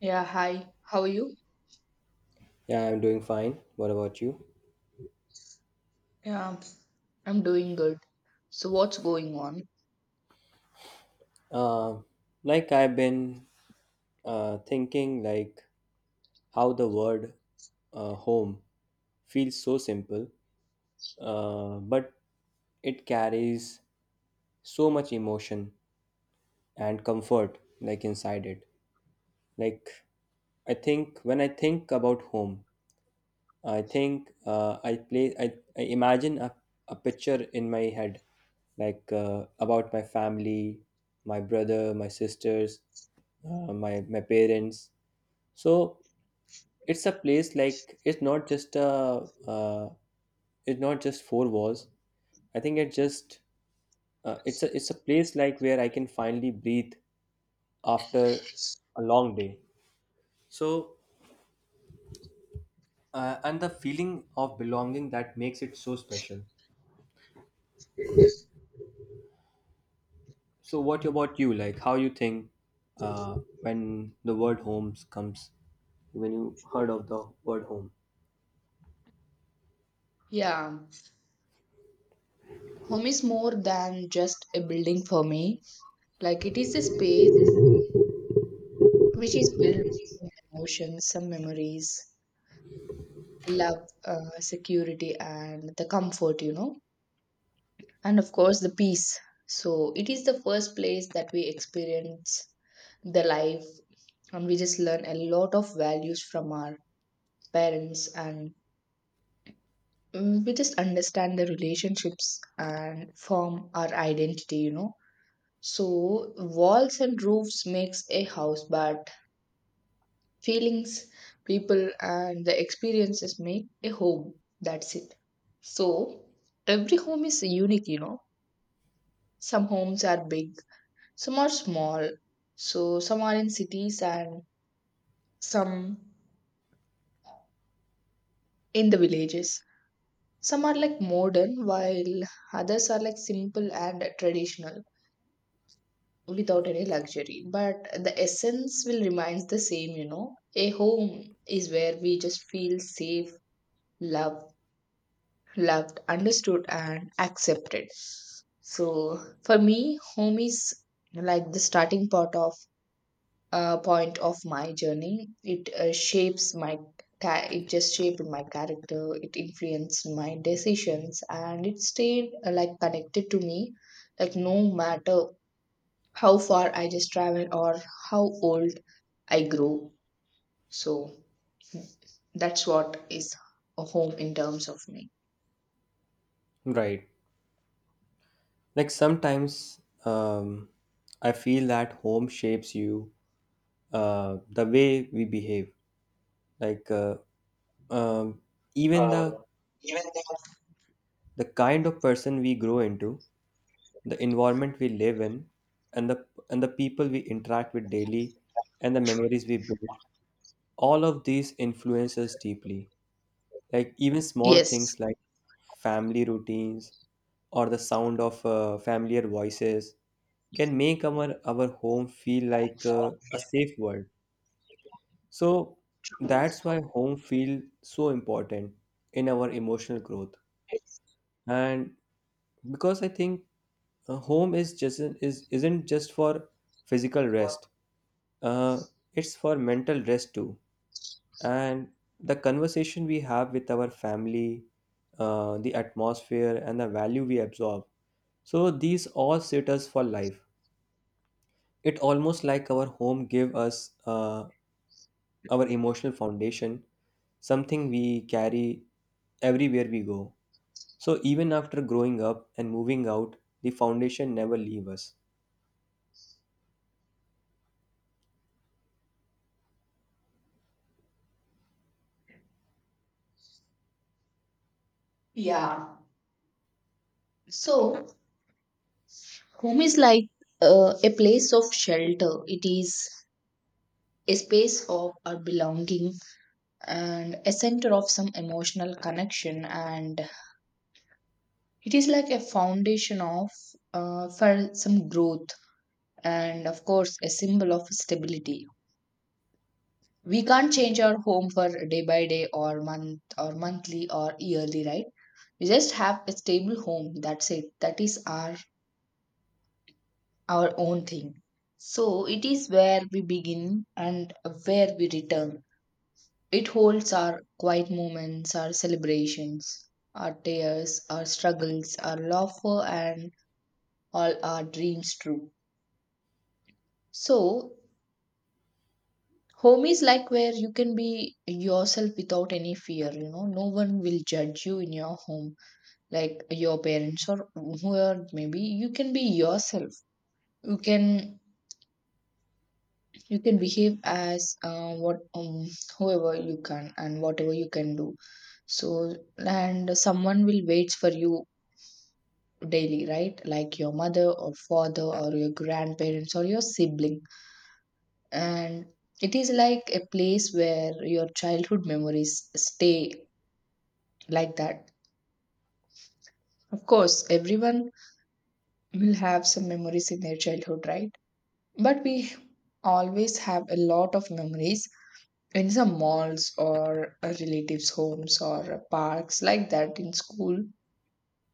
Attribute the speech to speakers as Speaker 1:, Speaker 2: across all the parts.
Speaker 1: Yeah, hi. How are you?
Speaker 2: Yeah, I'm doing fine. What about you?
Speaker 1: Yeah, I'm doing good. So, what's going on?
Speaker 2: Um, like I've been thinking, like how the word home feels so simple, but it carries so much emotion and comfort, like inside it. Like I think when I think about home, I think I play. I imagine a picture in my head, like about my family, my brother, my sisters, my parents. So it's a place like it's not just a it's not just four walls. I think it just it's a place like where I can finally breathe after a long day. So and the feeling of belonging that makes it so special. So what about you? Like how you think uh, when the word homes comes, when you heard of the word home?
Speaker 1: Yeah, home is more than just a building for me. Like, it is a space which is filled with some emotions, some memories, love, security, and the comfort, and of course, the peace. So, it is the first place that we experience the life, and we just learn a lot of values from our parents and mm, we just understand the relationships and form our identity. So walls and roofs makes a house, but feelings, people and the experiences make a home. That's it. So every home is unique. Some homes are big, some are small, so some are in cities and some in the villages. Some are like modern, while others are like simple and traditional without any luxury, but the essence will remains the same. A home is where we just feel safe, loved, loved, understood and accepted. So for me, home is like the starting part of point of my journey. It shapes my it just shaped my character. It influenced my decisions and it stayed like connected to me, like no matter how far I just travel or how old I grow. So that's what is a home in terms of me.
Speaker 2: Right. Like sometimes I feel that home shapes you the way we behave. Like um, even the kind of person we grow into, the environment we live in, and the people we interact with daily, and the memories we build, all of these influence us deeply. Like even small
Speaker 1: Yes.
Speaker 2: things like family routines or the sound of familiar voices can make our home feel like a safe world. So that's why home feel so important in our emotional growth. And because I think home is just is isn't just for physical rest. Uh, it's for mental rest too. And the conversation we have with our family, the atmosphere and the value we absorb, so these all set us for life. It almost like our home give us our emotional foundation, something we carry everywhere we go. So even after growing up and moving out, the foundation never leave us.
Speaker 1: Yeah. So home is like a place of shelter. It is a space of our belonging and a center of some emotional connection, and it is like a foundation of for some growth, and of course a symbol of stability. We can't change our home for day by day or month or monthly or yearly, right? We just have a stable home. That's it. That is our own thing. So it is where we begin and where we return. It holds our quiet moments, our celebrations, our tears, our struggles, our laughter, and all our dreams true. So home is like where you can be yourself without any fear. No one will judge you in your home, like your parents or whoever maybe. You can be yourself. You can you can behave as what whoever you can and whatever you can do. So and someone will wait for you daily, right? Like your mother or father or your grandparents or your sibling. And it is like a place where your childhood memories stay, like that. Of course everyone will have some memories in their childhood, right? But we always have a lot of memories in some malls or relatives' homes or parks, like that in school.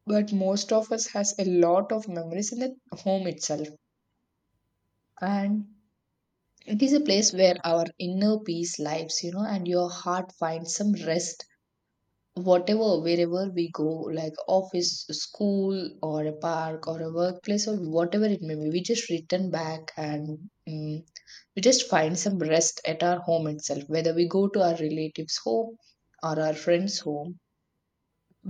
Speaker 1: But most of us has a lot of memories in the home itself. And it is a place where our inner peace lives, you know, and your heart finds some rest. Whatever wherever we go, like office, school or a park or a workplace or whatever it may be, we just return back. And mm, we just find some rest at our home itself. Whether we go to our relatives home or our friends home,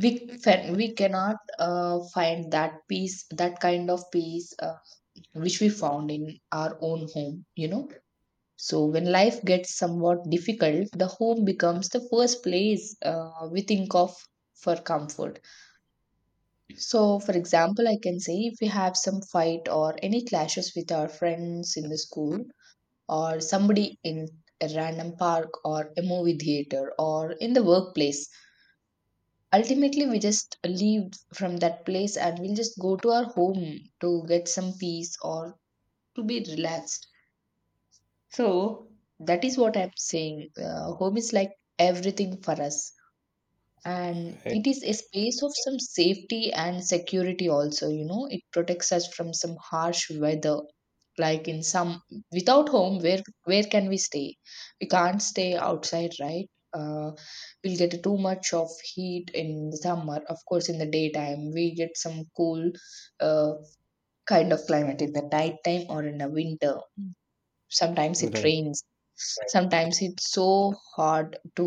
Speaker 1: we we cannot find that peace, that kind of peace which we found in our own home. So when life gets somewhat difficult, the home becomes the first place we think of for comfort. So, for example, I can say if we have some fight or any clashes with our friends in the school, or somebody in a random park, or a movie theater, or in the workplace, ultimately we just leave from that place and we'll just go to our home to get some peace or to be relaxed. So that is what I'm saying. Home is like everything for us. And
Speaker 2: Right.
Speaker 1: it is a space of some safety and security also, you know. It protects us from some harsh weather. Like in some without home, where can we stay? We can't stay outside, right? We'll get too much of heat in the summer. Of course, in the daytime, we get some cool uh, kind of climate in the nighttime or in the winter. Sometimes it
Speaker 2: Right.
Speaker 1: rains, right? Sometimes it's so hard to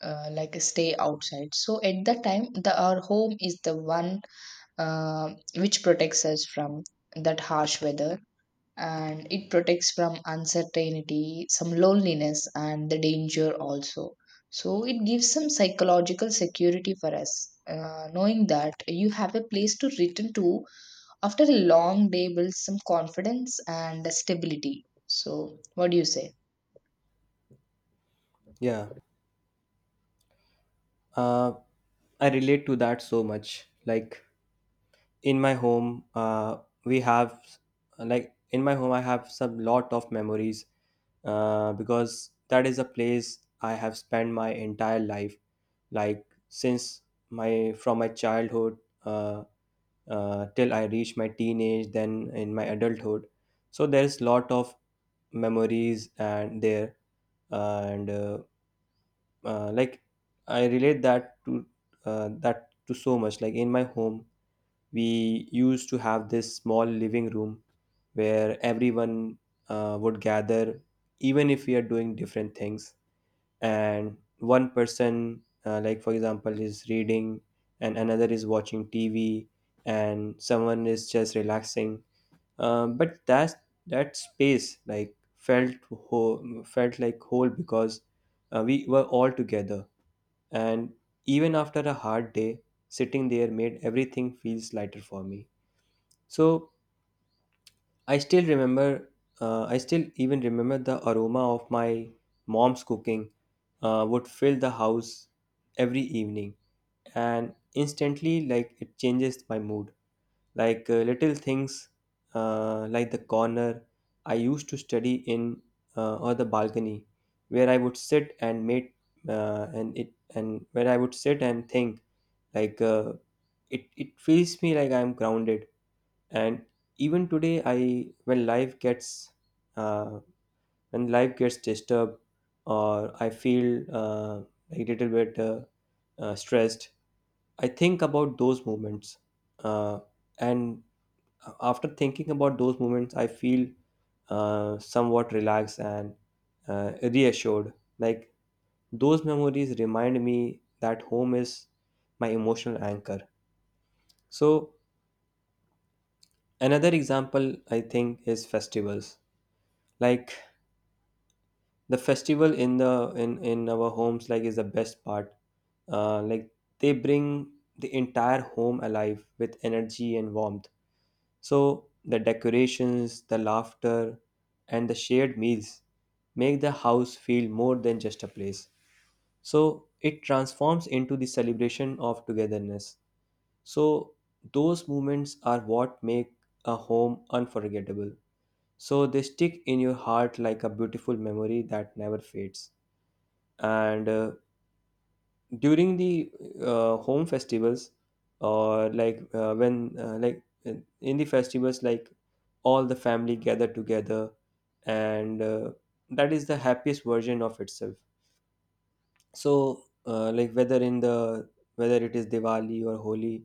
Speaker 1: like stay outside. So at that time, the our home is the one which protects us from that harsh weather. And it protects from uncertainty, some loneliness and the danger also. So it gives some psychological security for us, knowing that you have a place to return to after a long day builds some confidence and stability. So, what do you say?
Speaker 2: Yeah, uh, I relate to that so much. Like in my home, we have like in my home I have some lot of memories because that is a place I have spent my entire life, like since my from my childhood uh, till I reach my teenage, then in my adulthood. So there's lot of memories and there, and like I relate that to so much. Like in my home we used to have this small living room where everyone would gather, even if we are doing different things, and one person like for example is reading, and another is watching TV, and someone is just relaxing. But that space like felt whole, felt like whole, because we were all together. And even after a hard day, sitting there made everything feels lighter for me. So I still remember, I still even remember the aroma of my mom's cooking would fill the house every evening, and instantly, like it changes my mood. Like little things, like the corner I used to study in, or the balcony where I would sit and made, and it and where I would sit and think, like it it feels me like I'm grounded. And even today I, uh, when life gets disturbed or I feel a little bit stressed, I think about those moments. Uh, and after thinking about those moments, I feel somewhat relaxed and reassured. Like those memories remind me that home is my emotional anchor. So another example I think is festivals. Like the festival in our homes like is the best part. Like they bring the entire home alive with energy and warmth. So the decorations, the laughter, and the shared meals make the house feel more than just a place. So it transforms into the celebration of togetherness. So those moments are what make a home unforgettable. So they stick in your heart like a beautiful memory that never fades. And during the home festivals, or like when like in the festivals like, all the family gather together. And that is the happiest version of itself. So like whether in the whether it is Diwali or Holi,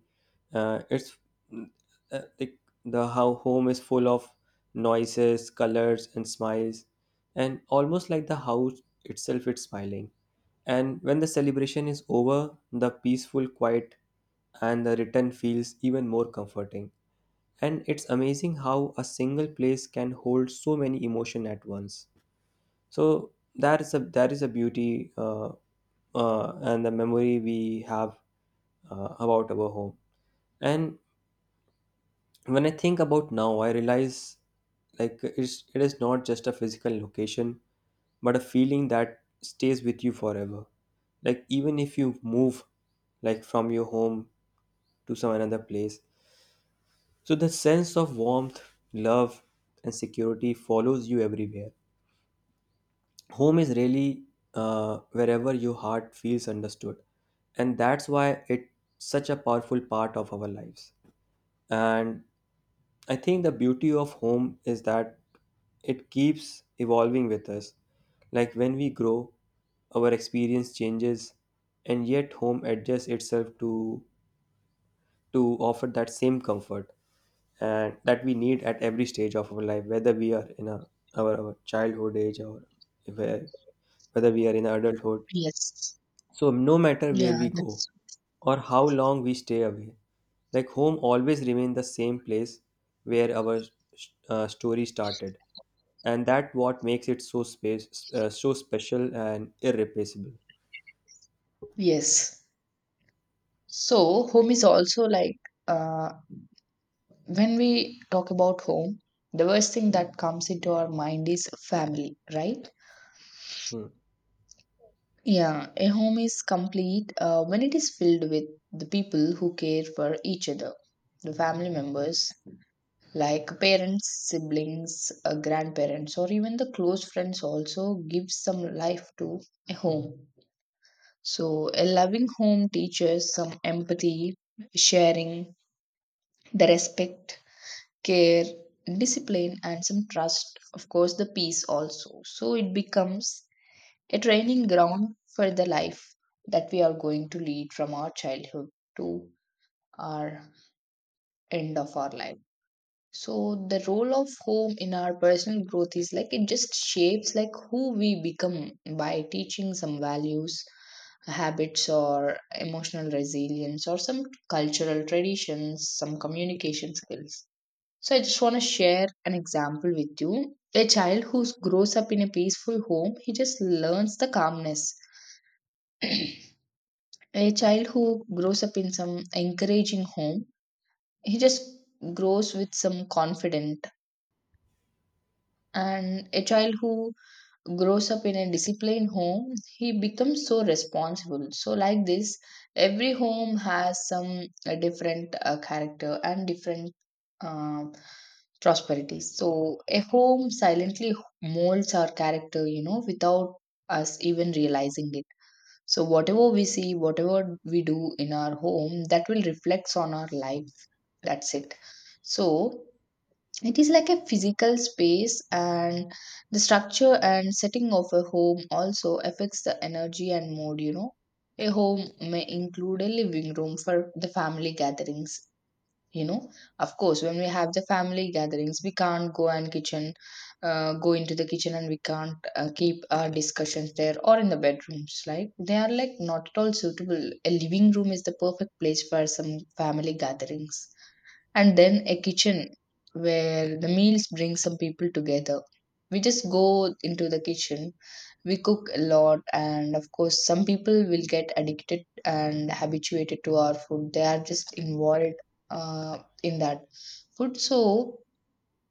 Speaker 2: uh, it's mm, like the, how home is full of noises, colors and smiles, and almost like the house itself is smiling. And when the celebration is over, the peaceful quiet and the return feels even more comforting. And it's amazing how a single place can hold so many emotion at once. So that is a beauty, and the memory we have about our home. And when I think about now, I realize like it is not just a physical location, but a feeling that stays with you forever. Like even if you move, like from your home to some another place, so the sense of warmth, love, and security follows you everywhere. Home is really wherever your heart feels understood, and that's why it's such a powerful part of our lives. And I think the beauty of home is that it keeps evolving with us. Like when we grow, our experience changes, and yet home adjusts itself to offer that same comfort and that we need at every stage of our life, whether we are in our childhood age, or where, whether we are in adulthood.
Speaker 1: Yes.
Speaker 2: So no matter where
Speaker 1: Yeah,
Speaker 2: we go,
Speaker 1: that's
Speaker 2: or how long we stay away, like home always remains the same place where our story started, and that what makes it so special and irreplaceable.
Speaker 1: yes. So, home is also like uh, when we talk about home, the first thing that comes into our mind is family, right?
Speaker 2: Hmm.
Speaker 1: Yeah, a home is complete when it is filled with the people who care for each other, the family members, like parents, siblings, grandparents, or even the close friends also give some life to a home. So, a loving home teaches some empathy, sharing, the respect, care, discipline, and some trust. Of course, the peace also. So, it becomes a training ground for the life that we are going to lead from our childhood to our end of our life. So the role of home in our personal growth is like it just shapes like who we become by teaching some values, habits or emotional resilience or some cultural traditions, some communication skills. So I just want to share an example with you. A child who grows up in a peaceful home, he just learns the calmness. A child who grows up in some encouraging home, he just grows with some confidence. And a child who grows up in a disciplined home, he becomes so responsible. So, like this, every home has some different character and different uh, prosperity. So, a home silently molds our character, you know, without us even realizing it. So, whatever we see, whatever we do in our home, that will reflects on our life. That's it. So, it is like a physical space, and the structure and setting of a home also affects the energy and mood. You know, a home may include a living room for the family gatherings. You know, of course, when we have the family gatherings, we can't go and kitchen, go into the kitchen, and we can't keep our discussions there or in the bedrooms. Like they are like not at all suitable. A living room is the perfect place for some family gatherings. And then a kitchen where the meals bring some people together. We just go into the kitchen. We cook a lot, and of course some people will get addicted and habituated to our food. They are just involved in that food. So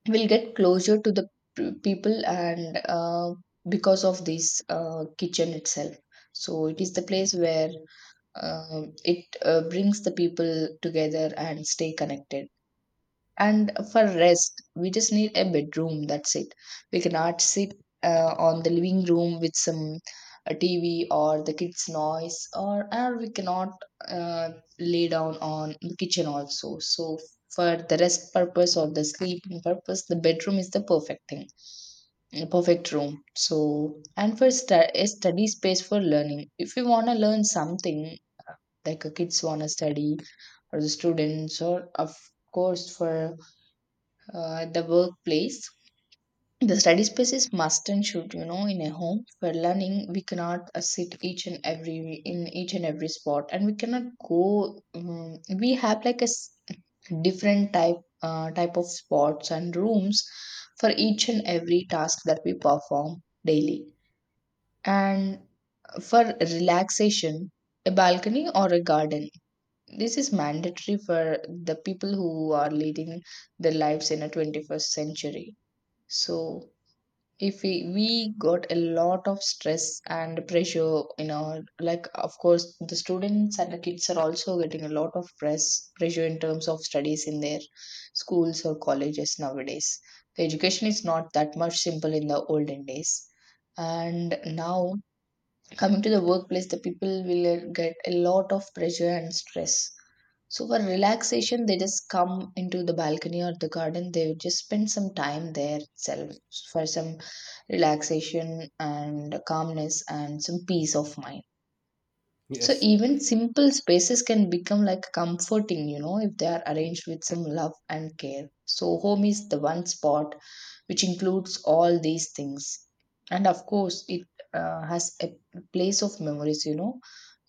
Speaker 1: we'll get closer to the people, and because of this kitchen itself. So it is the place where it brings the people together and stay connected. And for rest, we just need a bedroom. That's it. We cannot sit on the living room with some TV or the kids' noise, or we cannot uh, lay down on the kitchen also. So for the rest purpose or the sleeping purpose, the bedroom is the perfect thing, the perfect room. So and for a study space for learning. If you wanna learn something, like a kids wanna study or the students or of course for the workplace. The study space is must and should, you know, in a home for learning. We cannot sit each and every in each and every spot, and we cannot go. We have like a different type type of spots and rooms for each and every task that we perform daily. And for relaxation, a balcony or a garden. This is mandatory for the people who are leading their lives in a 21st century. So if we we got a lot of stress and pressure in our, like, of course the students and the kids are also getting a lot of press pressure in terms of studies in their schools or colleges nowadays. The education is not that much simple in the olden days. And now coming to the workplace, the people will get a lot of pressure and stress. So for relaxation, they just come into the balcony or the garden. They would just spend some time there itself for some relaxation and calmness and some peace of mind. So
Speaker 2: Yes.
Speaker 1: even simple spaces can become like comforting, you know, if they are arranged with some love and care. So home is the one spot which includes all these things. And of course, it has a place of memories, you know.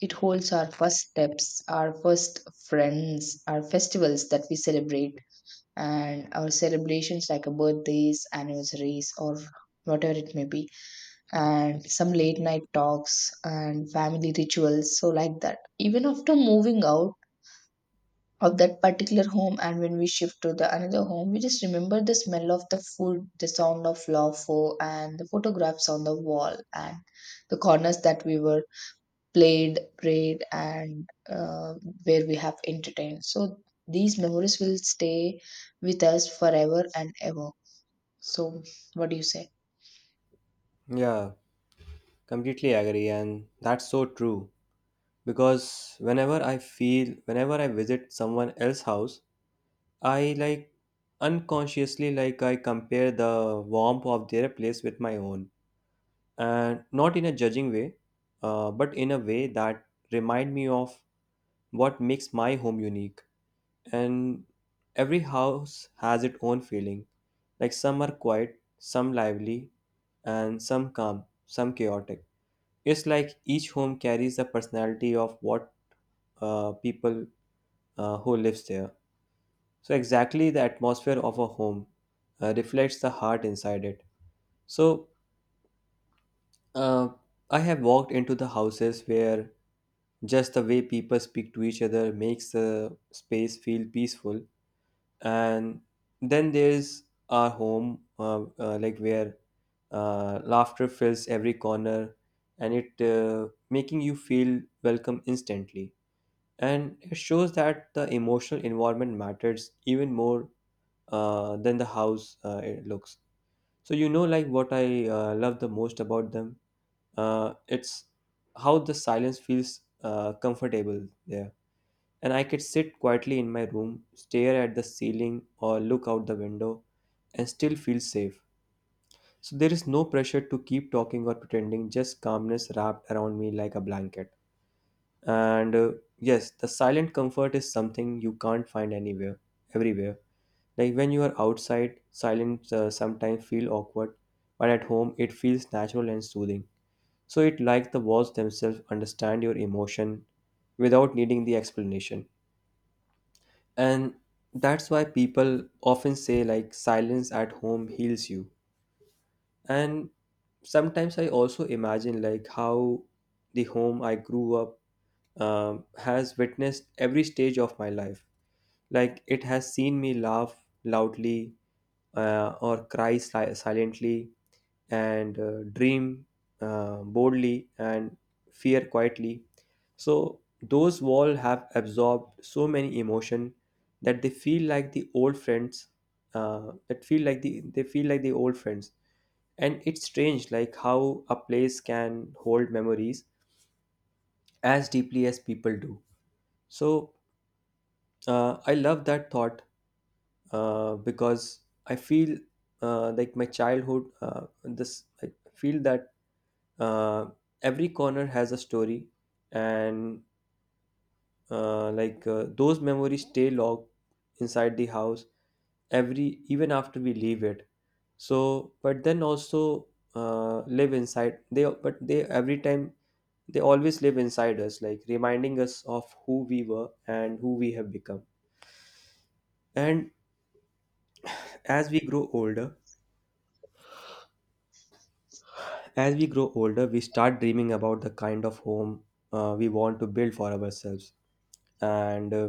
Speaker 1: It holds our first steps, our first friends, our festivals that we celebrate, and our celebrations like a birthdays, anniversaries, or whatever it may be, and some late night talks and family rituals, so like that. Even after moving out of that particular home and when we shift to the another home, we just remember the smell of the food, the sound of laughter, and the photographs on the wall, and the corners that we were played, prayed, and where we have entertained. So these memories will stay with us forever and ever. So what do you say?
Speaker 2: Yeah, completely agree, and that's so true. Because whenever I visit someone else's house, I like unconsciously like I compare the warmth of their place with my own. And not in a judging way, but in a way that remind me of what makes my home unique. And every house has its own feeling. Like some are quiet, some lively, and some calm, some chaotic. It's like each home carries the personality of what people who lives there. So exactly, the atmosphere of a home reflects the heart inside it. So uh, I have walked into the houses where just the way people speak to each other makes the space feel peaceful. And then there's our home, like where laughter fills every corner, and it making you feel welcome instantly. And it shows that the emotional environment matters even more than the house it looks. So you know, like what I love the most about them, it's how the silence feels comfortable there, and I could sit quietly in my room, stare at the ceiling, or look out the window and still feel safe. So there is no pressure to keep talking or pretending, just calmness wrapped around me like a blanket. And yes, the silent comfort is something you can't find everywhere. Like when you are outside, silence sometimes feel awkward, but at home it feels natural and soothing. So it like the walls themselves understand your emotion without needing the explanation. And that's why people often say like silence at home heals you. And sometimes I also imagine like how the home I grew up has witnessed every stage of my life. Like it has seen me laugh loudly, or cry silently, and dream boldly, and fear quietly. So those walls have absorbed so many emotion that they feel like the old friends. That feel like the They feel like the old friends. And it's strange like how a place can hold memories as deeply as people do. So I love that thought because I feel like my childhood. This I feel that uh, every corner has a story, and those memories stay locked inside the house every even after we leave it. So, but then also live inside. They but they every time They always live inside us, like reminding us of who we were and who we have become. And as we grow older as we grow older, we start dreaming about the kind of home we want to build for ourselves, and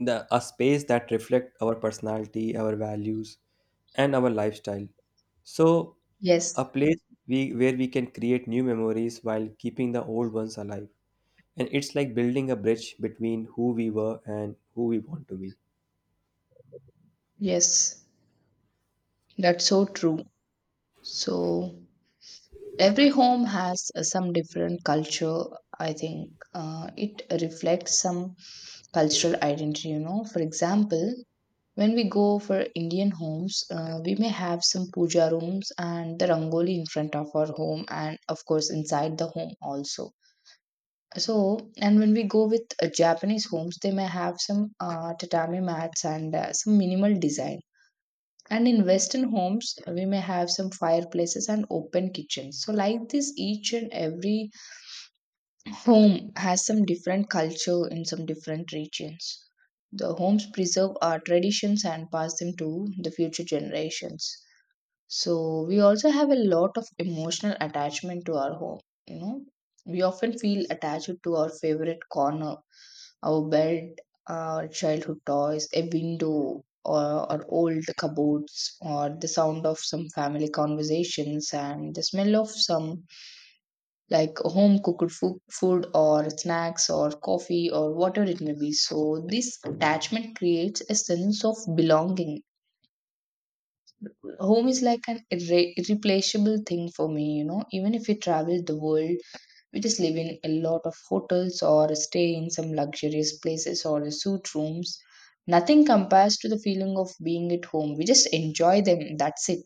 Speaker 2: the a space that reflect our personality, our values, and our lifestyle. So
Speaker 1: Yes.
Speaker 2: a place where we can create new memories while keeping the old ones alive. And it's like building a bridge between who we were and who we want to be.
Speaker 1: Yes, that's so true. So every home has some different culture. I think it reflects some cultural identity, you know. For example, when we go for Indian homes, we may have some puja rooms and the rangoli in front of our home, and of course, inside the home also. So, and when we go with Japanese homes, they may have some tatami mats and some minimal design. And in Western homes, we may have some fireplaces and open kitchens. So, like this, each and every home has some different culture in some different regions. The homes preserve our traditions and pass them to the future generations. So we also have a lot of emotional attachment to our home. You know, we often feel attached to our favorite corner, our bed, our childhood toys, a window, or our old cupboards, or the sound of some family conversations and the smell of some like home cooked food or snacks or coffee or whatever it may be. So this attachment creates a sense of belonging. Home is like an irreplaceable thing for me, you know. Even if we travel the world, we just live in a lot of hotels or stay in some luxurious places or suit rooms. Nothing compares to the feeling of being at home. We just enjoy them. That's it.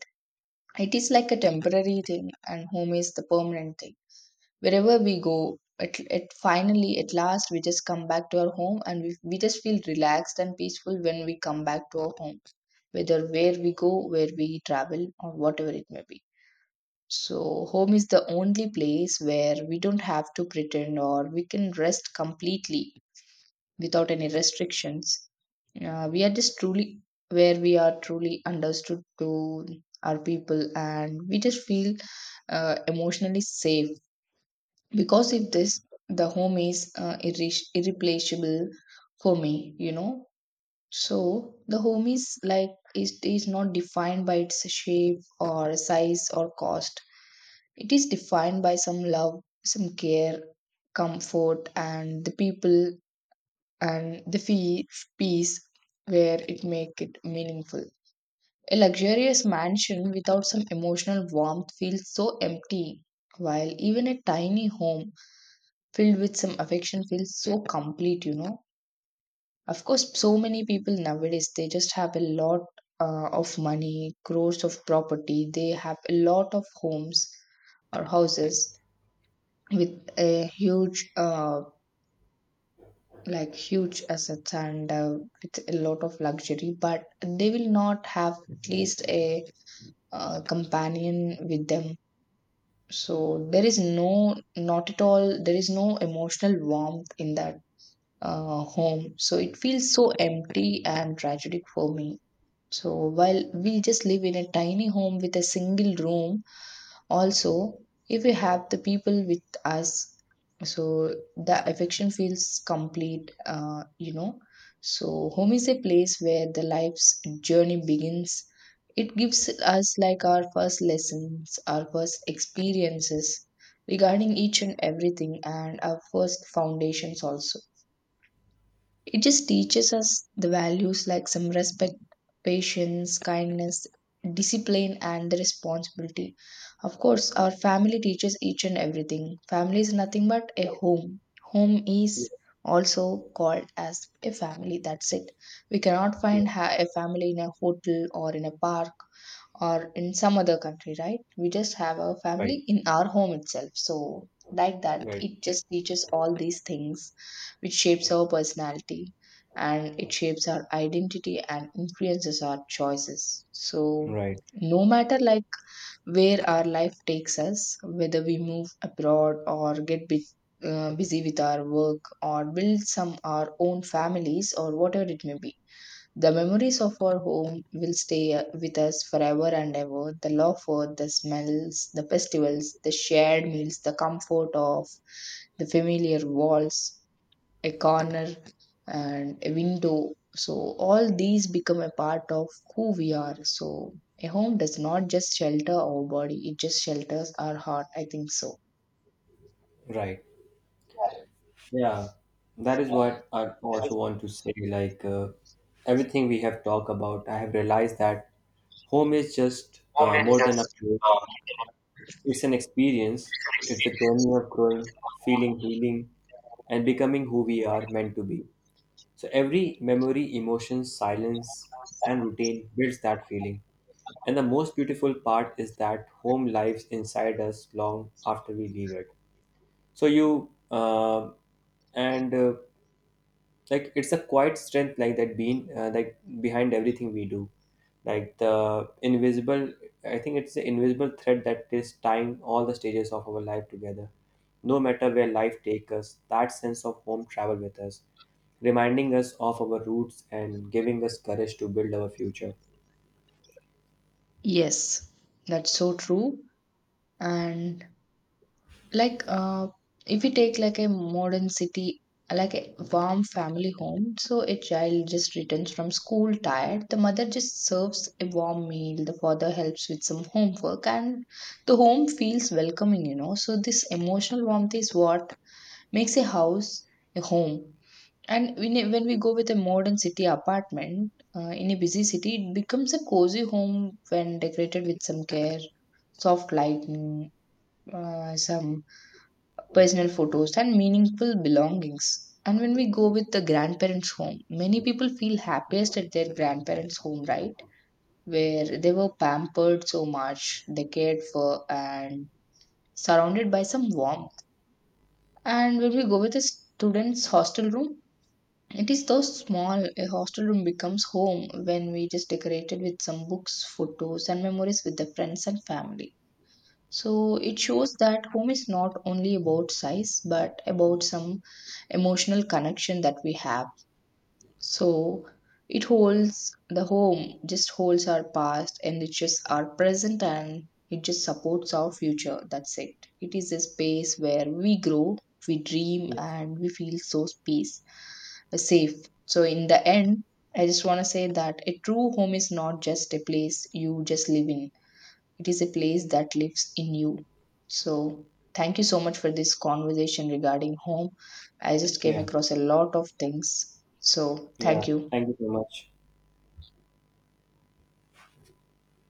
Speaker 1: It is like a temporary thing, and home is the permanent thing. Wherever we go at finally at last, we just come back to our home, and we just feel relaxed and peaceful when we come back to our home, whether where we go, where we travel, or whatever it may be. So home is the only place where we don't have to pretend, or we can rest completely without any restrictions. We are just truly where we are truly understood to our people, and we just feel emotionally safe. Because if this, the home is irre- irreplaceable for me, you know. So the home is like, it is not defined by its shape or size or cost. It is defined by some love, some care, comfort, and the people and the peace, where it make it meaningful. A luxurious mansion without some emotional warmth feels so empty, while even a tiny home filled with some affection feels so complete, you know. Of course, so many people nowadays, they just have a lot of money, crores of property, they have a lot of homes or houses with a huge like huge assets, and with a lot of luxury, but they will not have at least a companion with them. So there is no, not at all, there is no emotional warmth in that home. So it feels so empty and tragic for me. So while we just live in a tiny home with a single room, also, if we have the people with us, so the affection feels complete. You know, so home is a place where the life's journey begins. It gives us like our first lessons, our first experiences regarding each and everything, and our first foundations also. It just teaches us the values like some respect, patience, kindness, discipline, and the responsibility. Of course, our family teaches each and everything. Family is nothing but a home. Home
Speaker 2: Yeah,
Speaker 1: is also called as a family. That's it. We cannot
Speaker 2: yeah.
Speaker 1: find a family in a hotel or in a park or in some other country, right? We just have our
Speaker 2: Right.
Speaker 1: family in our home itself. So, like that. Okay,
Speaker 2: Right.
Speaker 1: it just teaches all these things, which shapes our personality, and it shapes our identity and influences our choices. So,
Speaker 2: Right.
Speaker 1: no matter like where our life takes us, whether we move abroad or get bit busy with our work or build some our own families or whatever it may be, the memories of our home will stay with us forever and ever. The laughter, the smells, the festivals, the shared meals, the comfort of the familiar walls, a corner, and a window. So, all these become a part of who we are. So, a home does not just shelter our body, it just shelters our heart, I think so.
Speaker 2: Right. Yeah, that is what I also want to say. Like everything we have talked about, I have realized that home is just more than a place. It's an experience. It's a journey of growing, feeling, healing, and becoming who we are meant to be. So every memory, emotion, silence, and routine builds that feeling. And the most beautiful part is that home lives inside us long after we leave it. So you, and like it's a quiet strength, like that being behind everything we do, like the invisible I think it's the invisible thread that is tying all the stages of our life together. No matter where life takes us, that sense of home travel with us, reminding us of our roots and giving us courage to build our future.
Speaker 1: Yes, that's so true. And like, if we take like a modern city, like a warm family home, so a child just returns from school tired. The mother just serves a warm meal. The father helps with some homework, and the home feels welcoming, you know. So, this emotional warmth is what makes a house a home. And when we go with a modern city apartment in a busy city, it becomes a cozy home when decorated with some care, soft lighting, some personal photos, and meaningful belongings. And when we go with the grandparents' home, many people feel happiest at their grandparents' home, right? Where they were pampered so much, they cared for, and surrounded by some warmth. And when we go with the students' hostel room, it is so small. A hostel room becomes home when we just decorate it with some books, photos, and memories with the friends and family. So it shows that home is not only about size, but about some emotional connection that we have. So it holds the home, just holds our past, enriches our present, and it just supports our future. That's it. It is a space where we grow, we dream,
Speaker 2: Yes.
Speaker 1: and we feel so peace, safe. So in the end, I just want to say that a true home is not just a place you just live in, it is a place that lives in you. So, thank you so much for this conversation regarding home. I just came
Speaker 2: Yeah.
Speaker 1: across a lot of things. So,
Speaker 2: Yeah,
Speaker 1: thank you.
Speaker 2: thank you so much.